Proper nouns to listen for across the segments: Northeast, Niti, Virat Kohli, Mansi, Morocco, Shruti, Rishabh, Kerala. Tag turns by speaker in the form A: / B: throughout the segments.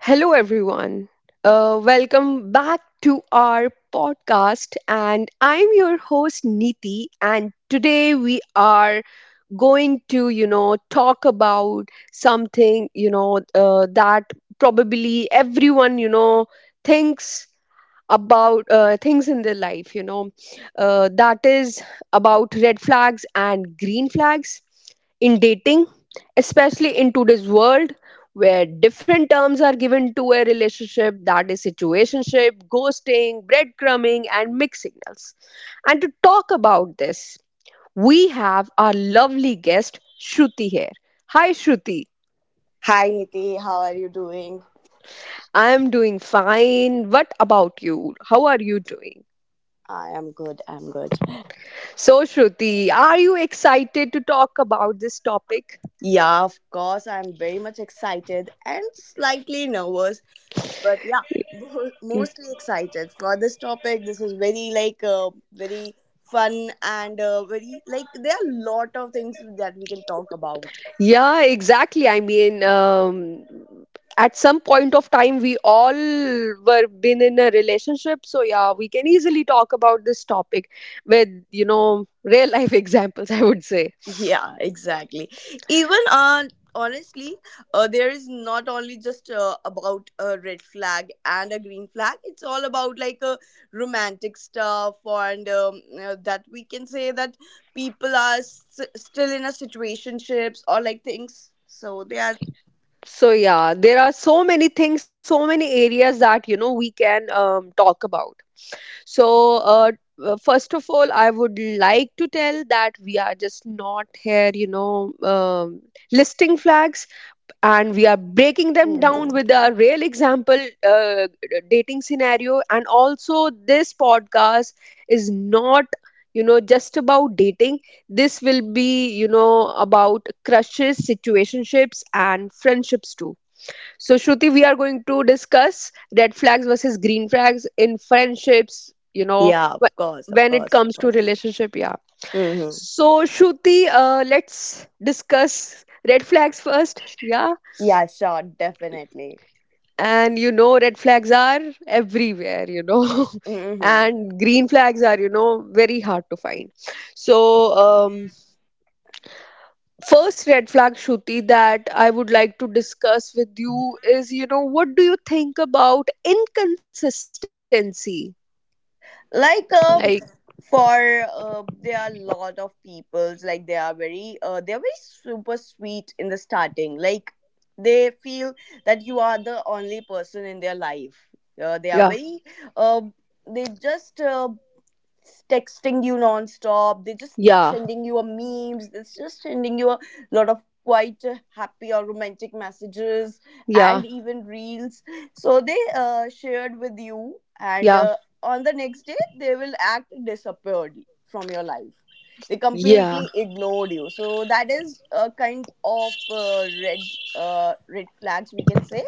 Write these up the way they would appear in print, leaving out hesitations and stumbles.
A: Hello, everyone. Welcome back to our podcast. And I'm your host, Niti. And today we are going to talk about something, that probably everyone thinks about things in their life, that is about red flags and green flags in dating, especially in today's world where different terms are given to a relationship, that is situationship, ghosting, breadcrumbing, and mixed signals. And to talk about this, we have our lovely guest Shruti here. Hi, Shruti.
B: Hi Niti, how are you doing?
A: I am doing fine. What about you? How are you doing?
B: I am good, I'm good.
A: So, Shruti, are you excited to talk about this topic?
B: Yeah, of course, I'm very much excited and slightly nervous, but yeah, mostly excited for this topic. This is very like very fun and very like there are a lot of things that we can talk about.
A: Yeah, exactly. I mean, at some point of time, we all were been in a relationship, so yeah, we can easily talk about this topic with real life examples, I would say.
B: Yeah, exactly. Even Honestly, there is not only just about a red flag and a green flag. It's all about like romantic stuff, and that we can say that people are still in a situationships or like things. So they are.
A: So yeah, there are so many things, so many areas that we can talk about. So first of all, I would like to tell that we are just not here, listing flags, and we are breaking them
B: Hmm
A: down with a real example uh, dating scenario. And also, this podcast is not just about dating. This will be about crushes, situationships, and friendships too. So Shruti, we are going to discuss red flags versus green flags in friendships
B: Yeah, of course,
A: wh-
B: of
A: when it
B: course, of
A: comes to
B: course.
A: relationship, yeah.
B: Hmm
A: So Shruti, let's discuss red flags first, yeah.
B: Yeah, sure, definitely.
A: And red flags are everywhere,
B: Hmm
A: and green flags are very hard to find. So first red flag, Shruti, that I would like to discuss with you is, what do you think about inconsistency?
B: like
A: Like,
B: for there are a lot of peoples like they are very they're very super sweet in the starting, like they feel that you are the only person in their life. They are
A: yeah,
B: very uh, they just texting you non-stop. They're just
A: yeah,
B: sending you a memes. They're just sending you a lot of quite happy or romantic messages
A: yeah,
B: and even reels, so they shared with you. And
A: yeah,
B: on the next day they will act disappeared from your life. They
A: yeah,
B: completely ignored you, so that is a kind of red flags, we can say.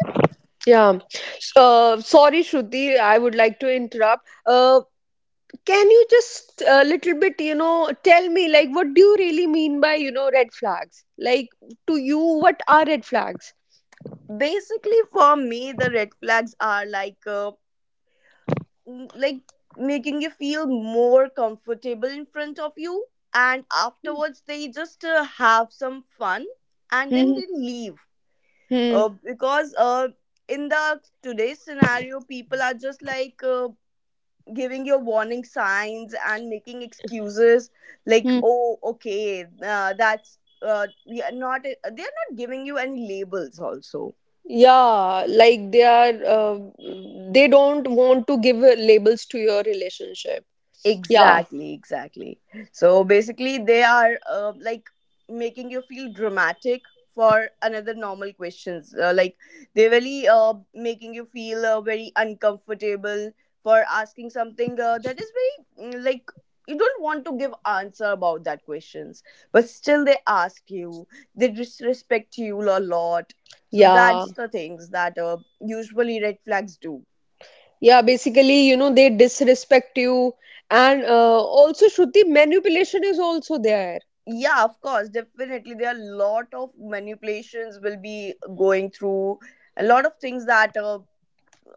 A: yeah. So, sorry, Shruti, I would like to interrupt. Can you just a little bit, tell me, like, what do you really mean by red flags? Like, to you, what are red flags?
B: Basically, for me the red flags are like like making you feel more comfortable in front of you, and afterwards they just have some fun, and then
A: Hmm.
B: they leave.
A: Hmm.
B: Because In the today's scenario, people are just like giving your warning signs and making excuses, like,
A: Hmm.
B: oh, okay, that's we are not, they're not giving you any labels also.
A: Yeah, like they don't want to give labels to your relationship. Yeah,
B: Exactly, exactly. So basically, they are like making you feel dramatic for another normal questions. Like, they really making you feel very uncomfortable for asking something that is very like, you don't want to give answer about that questions, but still they ask you. They disrespect you a lot. So
A: yeah,
B: that's the things that usually red flags do.
A: yeah. Basically, they disrespect you, and also, Shruti, manipulation is also there.
B: Yeah, of course, definitely. There are a lot of manipulations will be going through. A lot of things that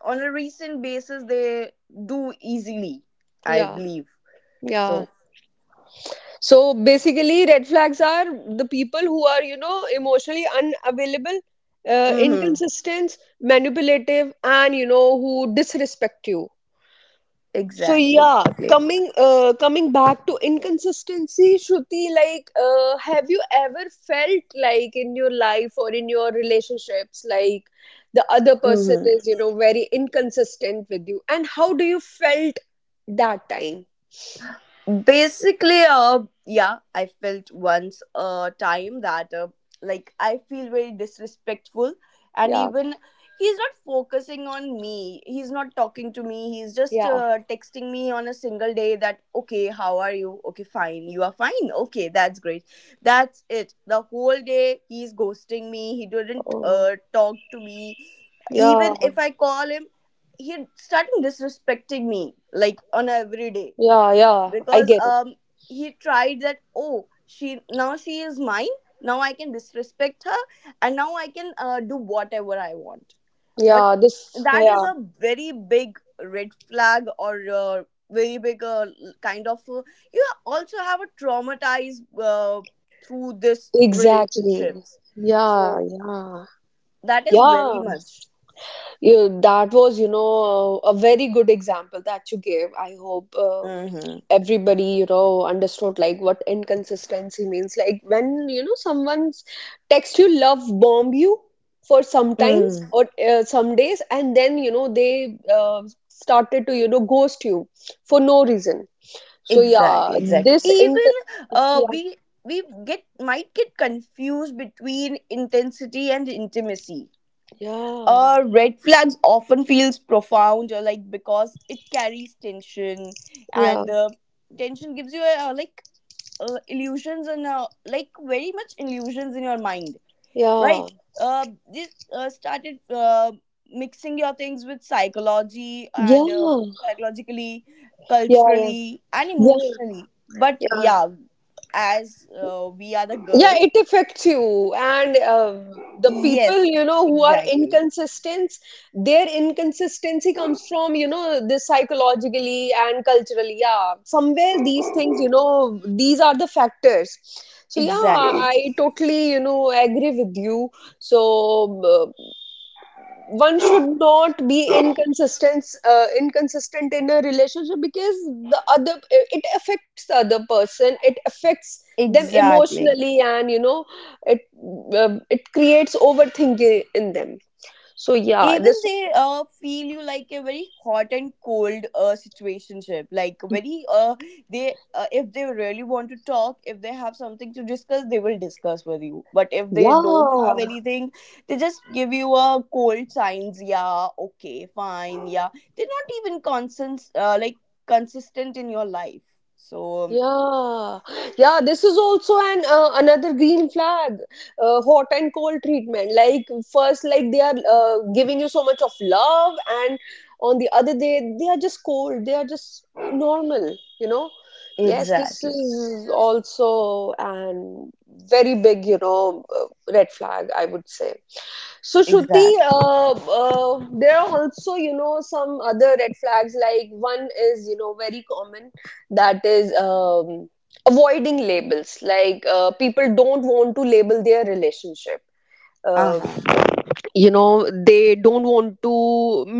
B: on a recent basis they do easily, I
A: Yeah,
B: believe.
A: yeah.
B: So,
A: So basically, red flags are the people who are emotionally unavailable,
B: mm-hmm,
A: inconsistent, manipulative, and who disrespect you. So
B: exactly,
A: yeah,
B: exactly.
A: coming back to inconsistency, Shruti, like, have you ever felt, like, in your life or in your relationships, like the other person
B: Mm-hmm.
A: is very inconsistent with you, and how do you felt that time?
B: basically yeah, I felt once a time that like I feel very disrespectful, and
A: Yeah,
B: even he's not focusing on me, he's not talking to me, he's just
A: yeah.
B: texting me on a single day that, okay, how are you, okay, fine, you are fine, okay, that's great, that's it. The whole day he's ghosting me, he didn't
A: Oh,
B: talk to me.
A: yeah.
B: Even if I call him, he starting disrespecting me, like on every day,
A: Yeah, yeah, I
B: because
A: get it.
B: he tried that, oh, she, now she is mine, now I can disrespect her, and now I can do whatever I want. But
A: Yeah,
B: that is
A: yeah,
B: a very big red flag, or very big kind of you also have a traumatized uh, through this
A: exactly.
B: relationships.
A: Yeah,
B: So
A: yeah,
B: that is very
A: yeah.
B: much.
A: That was a very good example that you gave. I hope
B: Mm-hmm.
A: everybody understood like what inconsistency means. Like, when someone's text you, love bomb you for sometimes
B: Mm.
A: or some days, and then they started to ghost you for no reason. So yeah,
B: Exactly, exactly.
A: this in
B: Even uh,
A: yeah.
B: we we get might get confused between intensity and intimacy.
A: Yeah,
B: Red flags often feels profound, like because it carries tension,
A: yeah,
B: and tension gives you like illusions and like very much illusions in your mind, right.
A: yeah,
B: uh, this started mixing your things with psychology
A: yeah,
B: and psychologically,
A: yeah, yeah,
B: culturally, and
A: yeah,
B: emotionally, but
A: yeah.
B: yeah, as we are the
A: Yeah,
B: girls.
A: it affects you. And the people
B: Yes,
A: who are
B: exactly,
A: inconsistent, their inconsistency comes from this psychologically and culturally. Yeah, somewhere these things. These are the factors. So yeah,
B: exactly,
A: I totally agree with you. So, one should not be inconsistent in a relationship, because the other it affects the other person, it affects them
B: exactly.
A: emotionally, and it it creates overthinking in them. So yeah,
B: Even
A: this
B: they feel you like a very hot and cold situationship, like very they if they really want to talk, if they have something to discuss they will discuss with you, but if they don't have
A: yeah.
B: anything they just give you a cold signs, yeah, okay, fine, yeah. They're not even constant, like consistent in your life. So
A: Yeah, yeah, this is also an another green flag, hot and cold treatment. Like, first, like they are giving you so much of love, and on the other day, they are just cold. They are just normal. Yes, this
B: exactly,
A: is also an very big, red flag, I would say. So, Shruti,
B: exactly.
A: there are also some other red flags. Like, one is very common, that is avoiding labels, like people don't want to label their relationship. uh,
B: Uh-huh.
A: they don't want to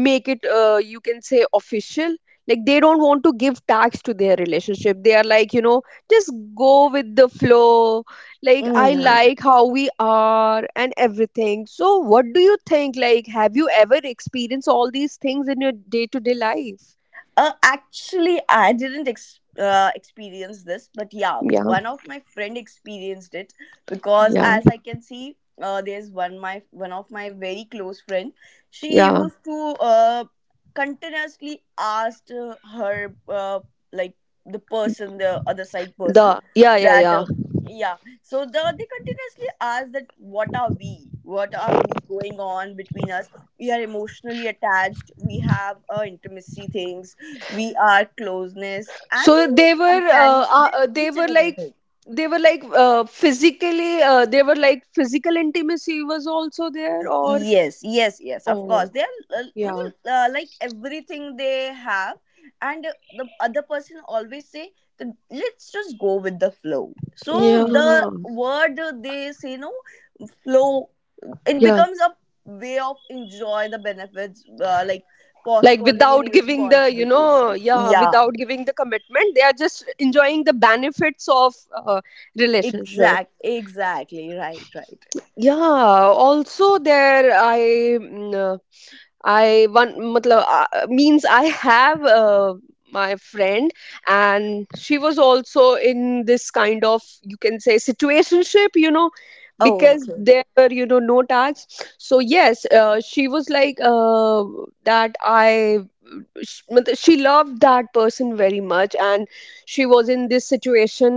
A: make it, you can say, official. Like, they don't want to give tags to their relationship. They are like, just go with the flow, like I
B: hmm
A: like how we are and everything. So what do you think, like, have you ever experienced all these things in your day to day life?
B: Actually, I didn't experience this, but yeah,
A: Yeah,
B: one of my friend experienced it. Because,
A: yeah,
B: as I can see, there's one my one of my very close friend. She
A: yeah,
B: used to uh, continuously asked her like the person, the other side person,
A: the yeah, yeah,
B: that
A: yeah.
B: yeah. So they continuously ask that, what are we? What are we going on between us? We are emotionally attached. We have intimacy things, we are closeness, and
A: So
B: their companions. So they're each and everything.
A: they were like physical intimacy was also there, or?
B: Yes, yes, yes, of course,
A: Oh,
B: they're
A: yeah,
B: matlab, like, everything they have. And the other person always say that let's just go with the flow. So
A: yeah,
B: the word they say, no, flow, it
A: yeah.
B: becomes a way of enjoy the benefits, like
A: Like,
B: postponing
A: without
B: any
A: giving the,
B: responsibilities.
A: yeah,
B: Yeah,
A: without giving the commitment, they are just enjoying the benefits of relationship.
B: exact, exactly, right, right.
A: Yeah, also there, I mm, I one, matlab, means I have my friend, and she was also in this kind of, you can say, situationship,
B: Oh,
A: because
B: okay.
A: there were, no tags. So yes, she was like, that I matlab, she loved that person very much, and she was in this situation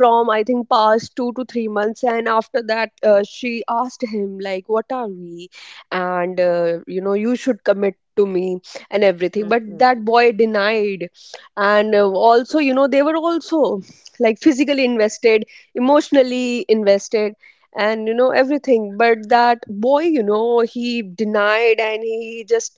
A: from, I think, past 2 to 3 months. And after that, she asked him, like, what are we? And you should commit to me and everything, but
B: hmm
A: that boy denied. And also, they were also, like, physically invested, emotionally invested, and everything, but that boy, he denied, and he just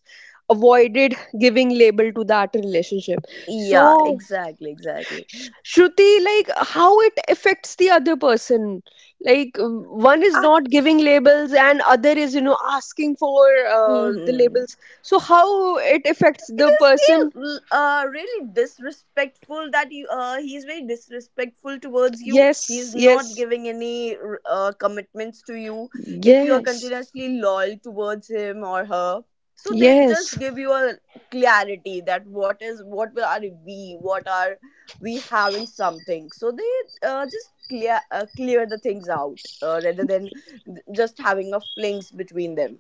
A: avoided giving label to that relationship.
B: Yeah,
A: So
B: exactly, exactly.
A: Shruti, like, how it affects the other person? Like, one is not giving
B: Act-.
A: labels, and other is asking for the
B: Hmm
A: labels. So how it affects
B: it
A: the
B: is
A: person?
B: feel really disrespectful, that you he's very disrespectful towards you,
A: Yes,
B: he's not
A: yes,
B: giving any commitments to you. If you are
A: yes,
B: continuously loyal towards him or her, so they
A: yes,
B: just give you a clarity that what is, what will, are we, what are we having something. So they just clear the things out, rather than just having a flings between them.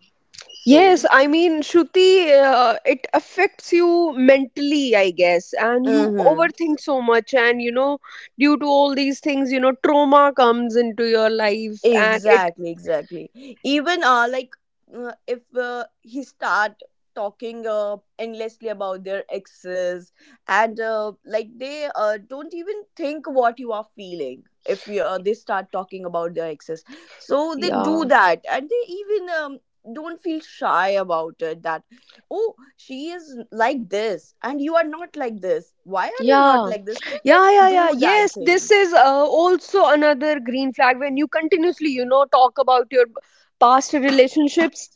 B: So
A: yes. I mean, Shruti, it affects you mentally, I guess, and you
B: mm-hmm.
A: overthink so much, and due to all these things trauma comes into your life.
B: Exactly, exactly. Even like if he start talking endlessly about their exes, and like they don't even think what you are feeling. If you, they start talking about their exes, so they
A: Yeah,
B: do that, and they even don't feel shy about it, that, oh, she is like this and you are not like this, why are you not
A: yeah.
B: like this, so
A: Yeah,
B: they
A: yeah, yeah.
B: do that
A: Yes, this
B: things.
A: is also another green flag, when you continuously talk about your past relationships.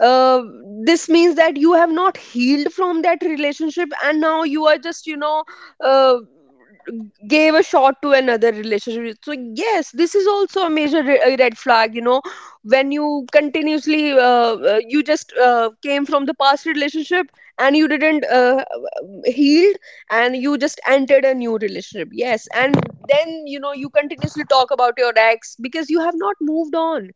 A: Uh, this means that you have not healed from that relationship, and now you are justuh, gave a shot to another relationship. So yes, this is also a major red flag, when you continuously, you just came from the past relationship, and you didn't heal, and you just entered a new relationship. Yes. And then, you continuously talk about your ex because you have not moved on.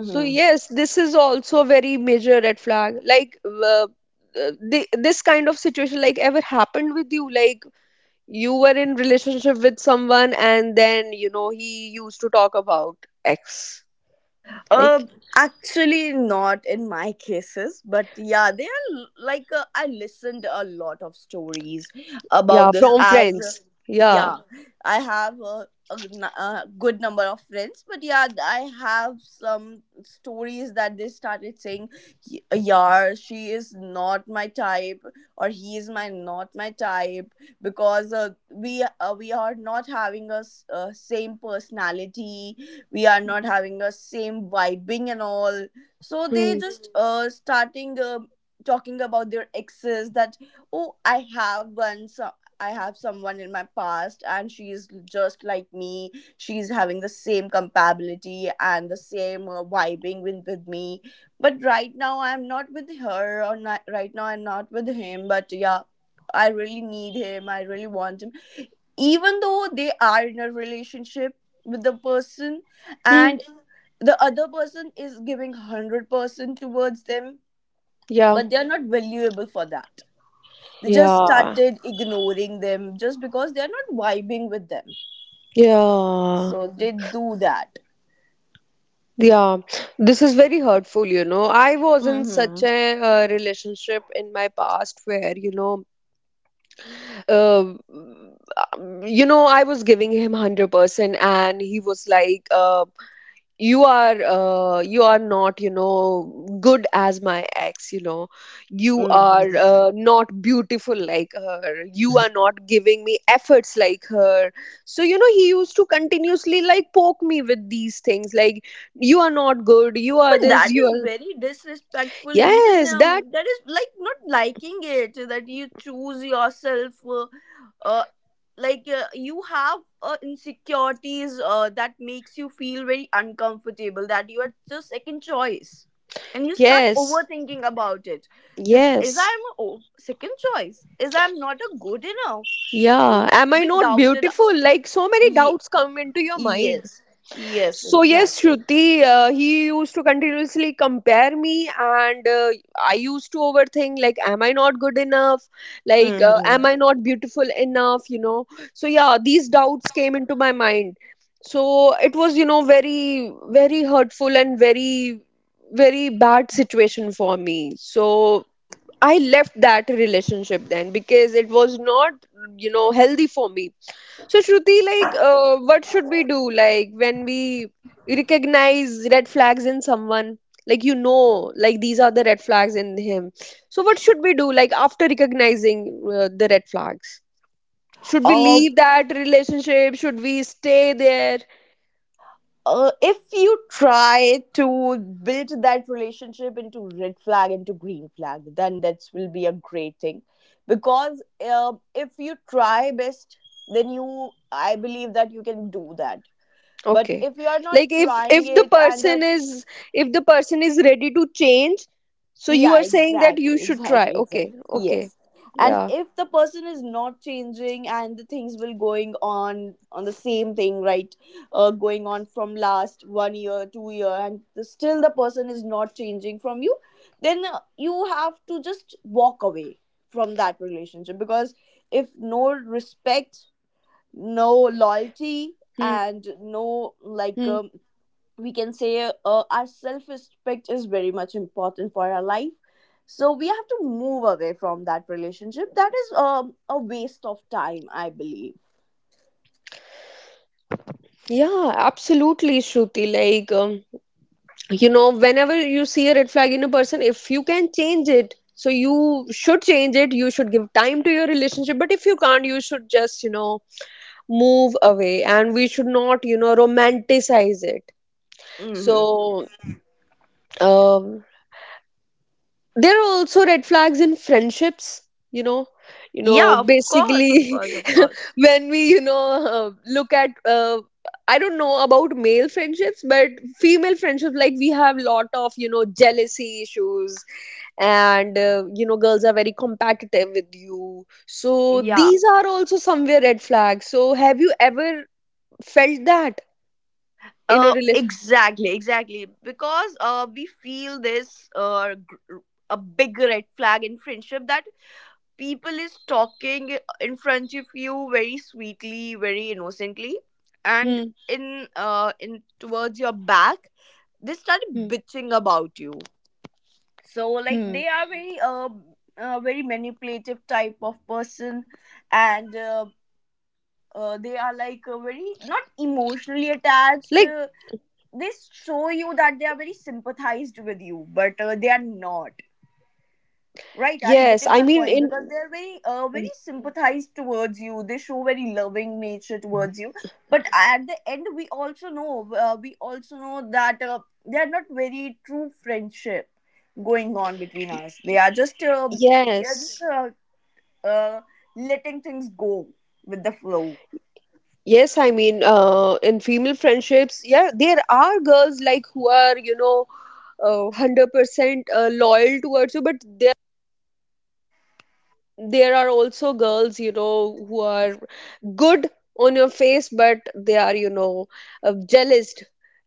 A: So yes, this is also a very major red flag. Like, this kind of situation, like, ever happened with you? Like, you were in relationship with someone, and then, he used to talk about ex,
B: Uh,
A: like.
B: actually, not in my cases, but yeah, they are like I listened a lot of stories
A: Yeah,
B: about this
A: from
B: as
A: friends, yeah.
B: yeah, I have a good number of friends, but yeah, I have some stories that they started saying, Yeah, she is not my type, or he is my not my type, because we are not having a same personality, we are not having a same vibing and all." So they
A: Hmm.
B: just, mhm, starting talking about their exes, that, oh, I have one, so I have someone in my past and she is just like me, she's having the same compatibility and the same vibing with me, but right now I'm not with her, or not, right now I'm not with him, but yeah, I really need him, I really want him. Even though they are in a relationship with the person,
A: Hmm.
B: and the other person is giving 100% towards them,
A: Yeah,
B: but they're not valuable for that. They just
A: yeah,
B: started ignoring them just because they're not vibing with them.
A: yeah.
B: So they do that.
A: Yeah, this is very hurtful. I was in
B: Mm-hmm.
A: such a relationship in my past, whereuh, I was giving him 100%, and he was like, you are not, good as my ex, you know you
B: Mm-hmm.
A: are not beautiful like her, you are not giving me efforts like her. So he used to continuously, like, poke me with these things, like, you are not good, you are
B: But
A: this,
B: that
A: you
B: is
A: are.
B: very disrespectful. Even
A: Yes, that,
B: that is like not liking it that you choose yourself. Uh, like you have insecurities that makes you feel very uncomfortable. That you are just second choice, and you start
A: yes,
B: overthinking about it. That is,
A: yes.
B: I'm a second choice. Is I'm not a good enough.
A: Yeah,
B: So
A: am I
B: we
A: not
B: doubted.
A: beautiful? Like, so many
B: Ye-
A: doubts come into your mind.
B: yes. Yes.
A: So
B: Exactly.
A: yes, Shruti, he used to continuously compare me, and I used to overthink, like, am I not good enough? Like, am I
B: hmm
A: not beautiful enough? So yeah, these doubts came into my mind. So it was very, very hurtful and very, very bad situation for me. So I left that relationship then, because it was not healthy for me. So Shruti, like, what should we do? Like, when we recognize red flags in someone, like, like, these are the red flags in him. So what should we do? Like, after recognizing the red flags, should we
B: Uh,
A: leave that relationship? Should we stay there?
B: if you try to build that relationship into red flag into green flag, then that will be a great thing. Because if you try best, then you, I believe, that you can do that. But
A: Okay,
B: if you are not
A: like, if
B: trying
A: if the
B: it, and
A: person is ready to change, so you
B: Yeah,
A: are saying that
B: exactly,
A: you should try.
B: exactly, exactly.
A: Okay, okay,
B: Yes. And
A: yeah.
B: if the person is not changing, and the things will going on the same thing, right? Going on from last 1 year, 2 year, and the, still the person is not changing from you, then you have to just walk away from that relationship. Because if no respect, no
A: Hmm.
B: loyalty, and
A: Hmm.
B: no like we can say our self respect is very much important for our life, so we have to move away from that relationship. That is a waste of time, I believe.
A: Yeah, absolutely, Shruti. Like, you know whenever you see a red flag in a person, if you can change it, so you should change it. You should give time to your relationship, but if you can't, you should just move away. And we should not romanticize it.
B: Hmm
A: So um there are also red flags in friendships, you know. You know
B: yeah, of course, of
A: basically,
B: course, of course.
A: when we look at I don't know about male friendships, but female friendships, like we have lot of, you know, jealousy issues. And you know, girls are very competitive with you, so
B: Yeah,
A: these are also somewhere red flags. So have you ever felt that in a relation?
B: exactly, exactly. Because we feel this a big red flag in friendship, that people is talking in front of you very sweetly, very innocently, and
A: Hmm.
B: in towards your back they start
A: Hmm.
B: bitching about you. So like,
A: Hmm.
B: they are very manipulative type of person. And they are like very not emotionally
A: Like,
B: attached. They show you that they are very sympathized with you, but they are not. Right, are you
A: yes,
B: getting
A: I
B: my
A: mean,
B: point?
A: in
B: Because they are very, very
A: y-
B: sympathized towards you. They show very loving nature towards you. But at the end, we also know that they are not very true friendship going on between us. They are just, they are just
A: yes.
B: uh, letting things go with the flow.
A: Yes, I mean, in female friendships, yeah, there are girls like who are you know 100% loyal towards you, but there are also girls, you know, who are good on your face, but they are you know jealous.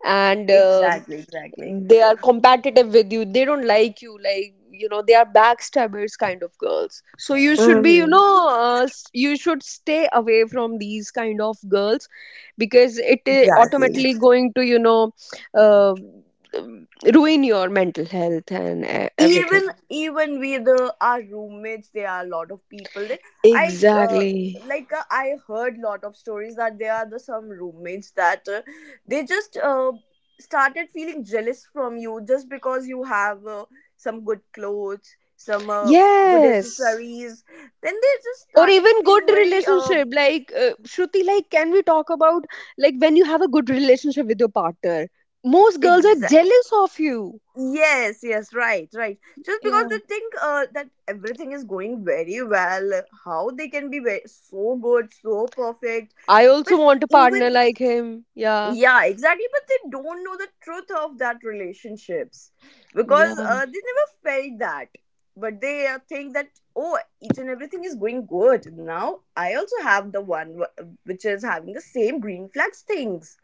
A: And
B: Exactly, exactly.
A: they are competitive with you, they don't like you, like, you know, they are backstabbers kind of girls, so you should be you
B: Mm-hmm.
A: know you should stay away from these kind of girls, because it is
B: Exactly.
A: automatically going to uh, ruin your mental health and everything.
B: Even with our roommates, there are a lot of people that i uh,
A: Exactly.
B: I heard lot of stories that there are the some roommates that they just started feeling jealous from you just because you have some good clothes, some good
A: Yes.
B: accessories, then they just
A: Or
B: started
A: even good
B: feeling very.
A: relationship. Like, Shruti, like, can we talk about, like, when you have a good relationship with your partner? Most girls are
B: uh,
A: jealous of you.
B: Yes, yes, right, right. Just because they
A: Yeah.
B: think that everything is going very well, how they can be very, so good, so perfect,
A: I also
B: but
A: want a
B: even,
A: partner like him. Yeah.
B: yeah, exactly. But they don't know the truth of that relationships because
A: Yeah.
B: they never felt that. But they think that, oh, each and everything is going good. Now I also have the one which is having the same green flags things,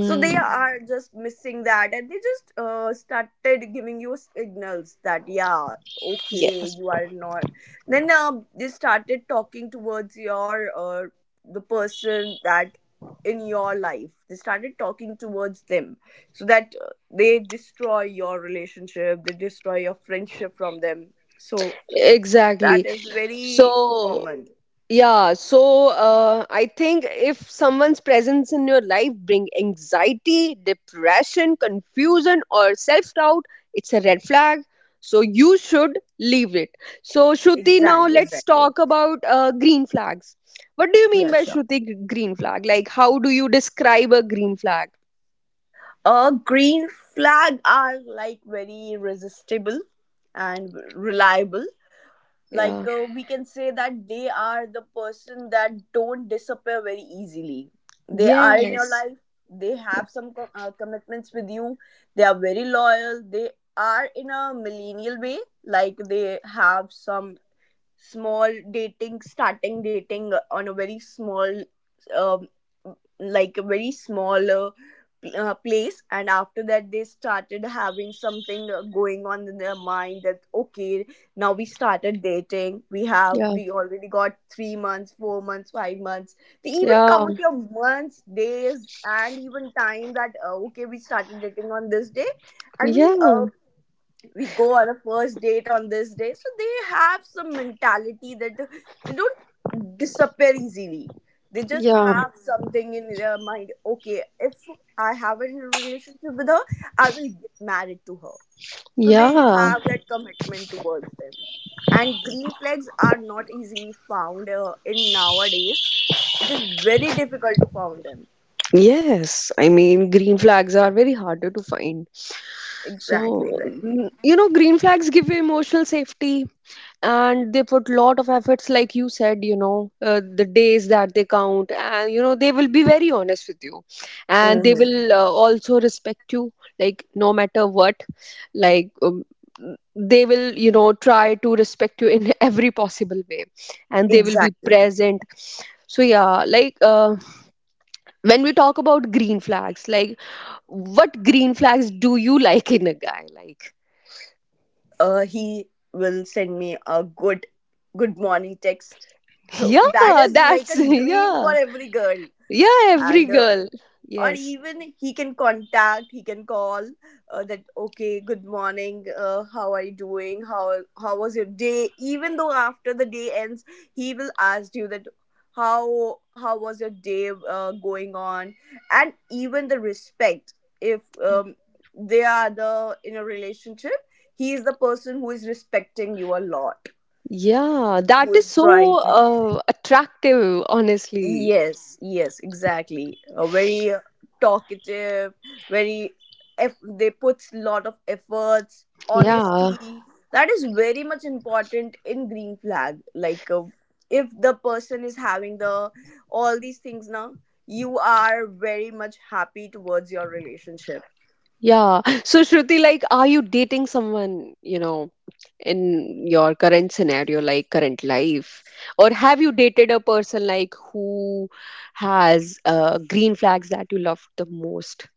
B: so they are just missing that and they just started giving you signals that, yeah, okay,
A: Yes.
B: you are not. Then they started talking towards your the person that in your life, they started talking towards them so that they destroy your relationship, they destroy your friendship from them. So
A: Exactly.
B: that is
A: So,
B: very common.
A: yeah, so I think if someone's presence in your life bring anxiety, depression, confusion, or self doubt, it's a red flag. So you should leave it. So Shruti, now
B: Exactly,
A: let's
B: exactly.
A: talk about green flags. What do you mean
B: Yeah,
A: by
B: sure.
A: Shruti green flag? Like, how do you describe a green flag?
B: A green flag are like very resistible and reliable. Like
A: Yeah.
B: we can say that they are the person that don't disappear very easily. They are in your
A: Yes.
B: life. They have some commitments with you. They are very loyal. They are in a millennial way. Like they have some small dating, starting dating on a very small, um, like a very small place, and after that they started having something going on in their mind that, okay, now we started dating, we have
A: Yeah.
B: we already got 3 months, 4 months, 5 months. They even
A: Yeah.
B: count your months, days, and even time that, okay, we started dating on this day, and
A: Yeah.
B: we go on a first date on this day. So they have some mentality that they don't disappear easily. They just
A: Yeah.
B: have something in their mind: okay, if I have a relationship with her, I will get married to her. So they
A: Yeah.
B: have that commitment towards them. And green flags are not easily found in nowadays. It is very difficult to find them.
A: Yes, I mean, green flags are very harder to find.
B: Exactly,
A: So,
B: exactly.
A: you know, green flags give you emotional safety, and they put lot of efforts, like you said, you know, the days that they count. And, you know, they will be very honest with you, and
B: Hmm.
A: they will also respect you, like, no matter what. Like, they will, you know, try to respect you in every possible way, and they will be
B: Exactly.
A: present. So, yeah, like, when we talk about green flags, like, what green flags do you like in a guy, like?
B: He will send me a good morning text
A: Yeah,
B: that is like
A: that's
B: a dream for
A: yeah.
B: every girl.
A: Yeah, every
B: And
A: girl.
B: or
A: Yes.
B: even he can contact, he can call, that, okay, good morning, how are you doing? How was your day? Even though after the day ends, he will ask you that, how was your day going on. And even the respect, if they are the in a relationship, he is the person who is respecting you a lot,
A: Yeah, that
B: who
A: is
B: is
A: so
B: trying to.
A: attractive, honestly.
B: Yes, yes, exactly. A very talkative, very, they put lot of efforts,
A: Yeah.
B: honesty. That is very much important in green flag. Like if the person is having the all these things now, you are very much happy towards your relationship.
A: Yeah. So Shruti, like, are you dating someone, you know, in your current scenario, like, current life, or have you dated a person like who has green flags that you love the most?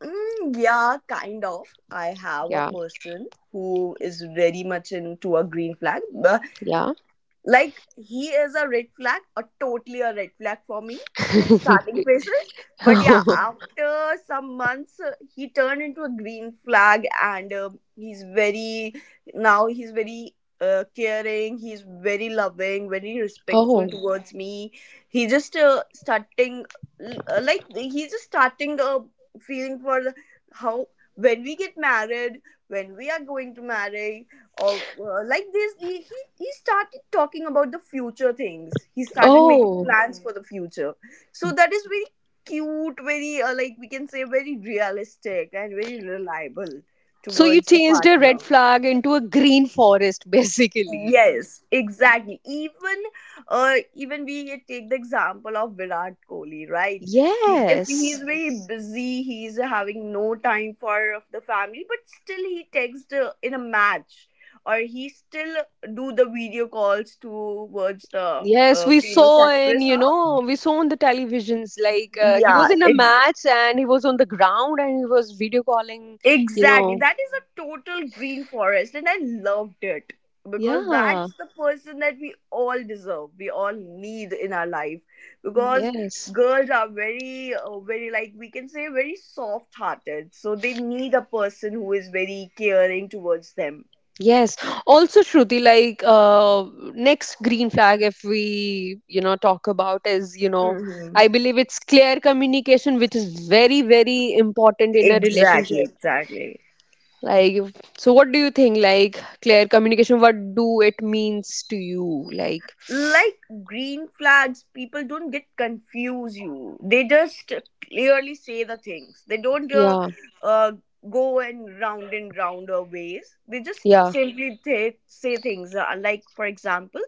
B: Mm, yeah, kind of. I have a
A: Yeah.
B: person who is very much into a green flag.
A: Yeah.
B: Like he is a red flag, a totally a red flag for me in the starting phases. But yeah,
A: Oh,
B: after some months, he turned into a green flag, and he's very now he's very caring. He's very loving, very respectful
A: oh,
B: towards me. He just starting like he's just starting a feeling for how when we get married, when we are going to marry, or like he started talking about the future things. He started making
A: oh.
B: plans for the future. So that is very cute, very like we can say very realistic and very reliable
A: So you
B: towards the
A: changed a
B: partner.
A: red flag into a green forest, basically.
B: Yes, exactly. Even we take the example of Virat Kohli, right? He, if
A: Yes.
B: he's very, yes, busy, he's having no time for the family, but still he texts in a match, or he still do the video calls towards the
A: Yes, we
B: famous
A: saw in,
B: actress.
A: you
B: Huh?
A: know, we saw on the televisions like he
B: Yeah,
A: was in a match and he was on the ground and he was video calling, you
B: exactly.
A: know.
B: That is a total green forest, and I loved it because
A: Yeah.
B: that's the person that we all deserve. We all need in our life because
A: Yes.
B: girls are very, very, like we can say very soft-hearted. So they need a person who is very caring towards them.
A: Yes. Also, Shruti, like, next green flag, if we you know talk about is, you know, I
B: Hmm.
A: believe it's clear communication, which is very very important in a
B: Exactly.
A: relationship.
B: Exactly.
A: Like, so what do you think? Like, clear communication, what do it means to you? Like,
B: Like green flags people don't get confuse you, they just clearly say the things. They don't
A: yeah,
B: uh, go and round of ways. They just
A: yeah.
B: simply say things, like for example,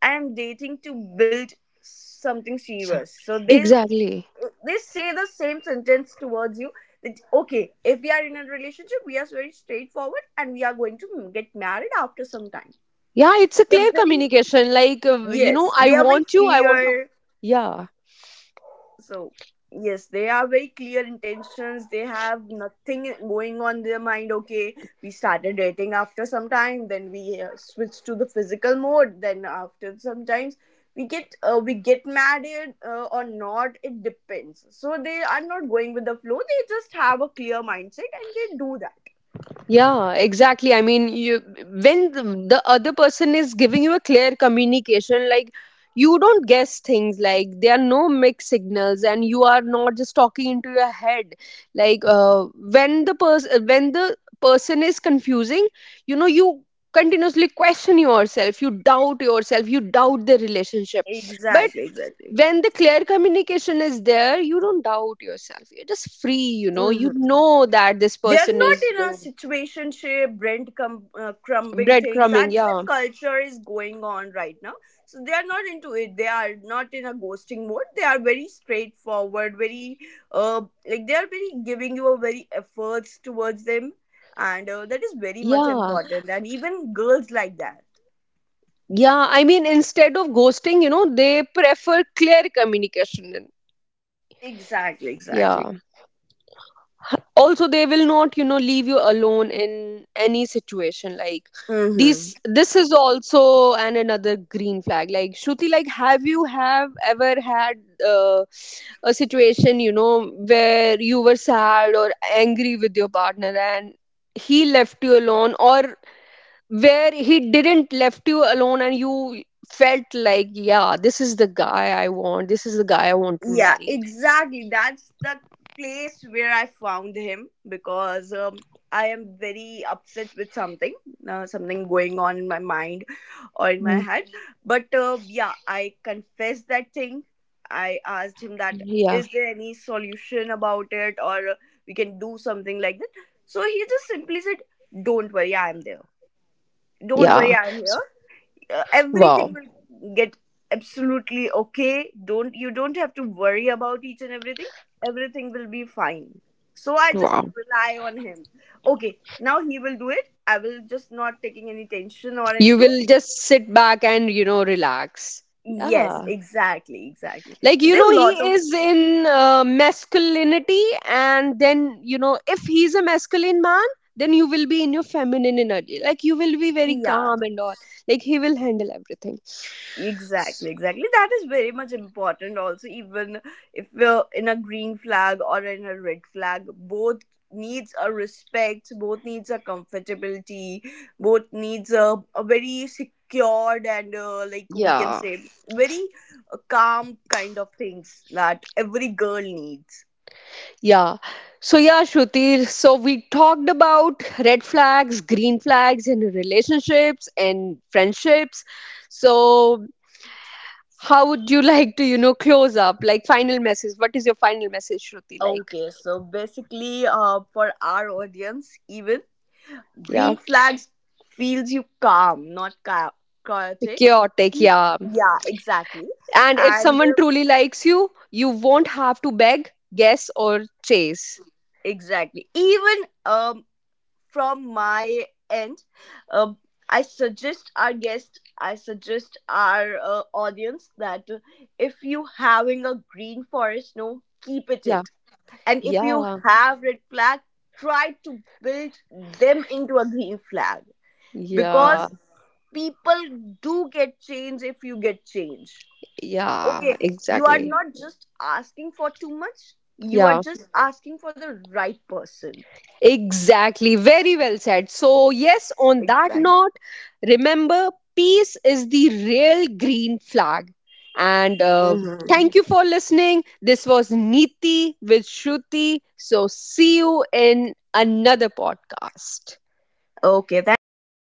B: I am dating to build something
A: So-
B: serious, so they
A: Exactly.
B: they say the same sentence towards you that, okay, if we are in a relationship, we are very straightforward, and we are going to get married after some time.
A: Yeah, it's a
B: They're
A: clear
B: very
A: communication. Like, you know,
B: Yes,
A: I
B: they are very
A: want you, I want to.
B: clear.
A: Yeah.
B: So, yes, they are very clear intentions. They have nothing going on their mind. Okay, we started dating, after some time, then we switch to the physical mode. Then after sometimes we get married or not. It depends. So they are not going with the flow. They just have a clear mindset and they do that.
A: Yeah, exactly. I mean, you, when the other person is giving you a clear communication, like, you don't guess things. Like, there are no mixed signals, and you are not just talking into your head. Like, when the person, is confusing, you know, you continuously question yourself, you doubt the relationship. But
B: Exactly. Exactly.
A: when the clear communication is there, you don't doubt yourself. You're just free. You know that this
B: They're
A: person
B: not
A: is
B: in
A: going.
B: a situationship, crumbing things.
A: Breadcrumbing,
B: That's the
A: yeah.
B: culture is going on right now. So they are not into it. They are not in a ghosting mode. They are very straightforward, very, uh, like they are very giving you a very efforts towards them, and that is very much
A: Yeah.
B: important. And even girls like that.
A: Yeah, I mean, instead of ghosting, you know, they prefer clear communication.
B: Exactly.
A: Yeah.
B: Exactly.
A: Also, they will not you know leave you alone in any situation, like,
B: Mm-hmm.
A: these, this is also and another green flag. Like, Shruti, like, have you have ever had uh, a situation, you know, where you were sad or angry with your partner and he left you alone, or where he didn't left you alone, and you felt like, yeah, this is the guy I want, this is the guy I want to
B: Yeah,
A: marry.
B: exactly. That's the place where I found him because I am very upset with something, something going on in my mind or in my
A: Mm,
B: head. But yeah, I confessed that thing. I asked him that,
A: yeah.
B: is there any solution about it, or we can do something like that. So he just simply said, "Don't worry, I am there. Don't
A: Yeah.
B: worry, I am here, everything
A: Wow.
B: will get absolutely okay. don't You don't have to worry about each and everything. Everything will be fine." So I just
A: Wow.
B: rely on him. Okay, now he will do it. I will just not taking any tension or
A: You
B: anything.
A: will just sit back and, you know, relax.
B: Yes,
A: Yeah.
B: exactly, exactly.
A: Like,
B: So
A: you
B: there
A: know,
B: are a
A: he
B: lot of,
A: is in masculinity, and then you know if he's a masculine man, then you will be in your feminine energy, like, you will be very
B: yeah.
A: calm and all. Like, he will handle everything.
B: Exactly, exactly. That is very much important also, even if we're in a green flag or in a red flag, both needs a respect, both needs a comfortability, both needs a very secured and, like we can
A: Yeah.
B: say very calm kind of things that every girl needs.
A: Yeah. So, yeah, Shruti, so we talked about red flags, green flags in relationships and friendships. So, how would you like to, you know, close up? Like, final message. What is your final message, Shruti? Like,
B: Okay, so basically, for our audience, even
A: yeah,
B: green flags feels you calm, not chaotic.
A: chaotic, yeah.
B: Yeah, exactly.
A: And if
B: And
A: someone truly likes you, you won't have to beg, guess, or chase.
B: exactly. Even from my end, um I suggest our guest, I suggest our audience that, if you having a green forest, no, keep it
A: Yeah.
B: it And if you
A: Yeah.
B: have red flag, try to build them into a green flag
A: Yeah.
B: because people do get change if you get change.
A: Yeah.
B: Okay, you are
A: Exactly.
B: not just asking for too much, you are
A: Yeah.
B: just asking for the right person.
A: Exactly. Very well said. So, yes, on that
B: Exactly.
A: note, remember peace is the real green flag. And thank you for listening. This was Niti with Shruti. So, see you in another podcast.
B: Okay, thank you.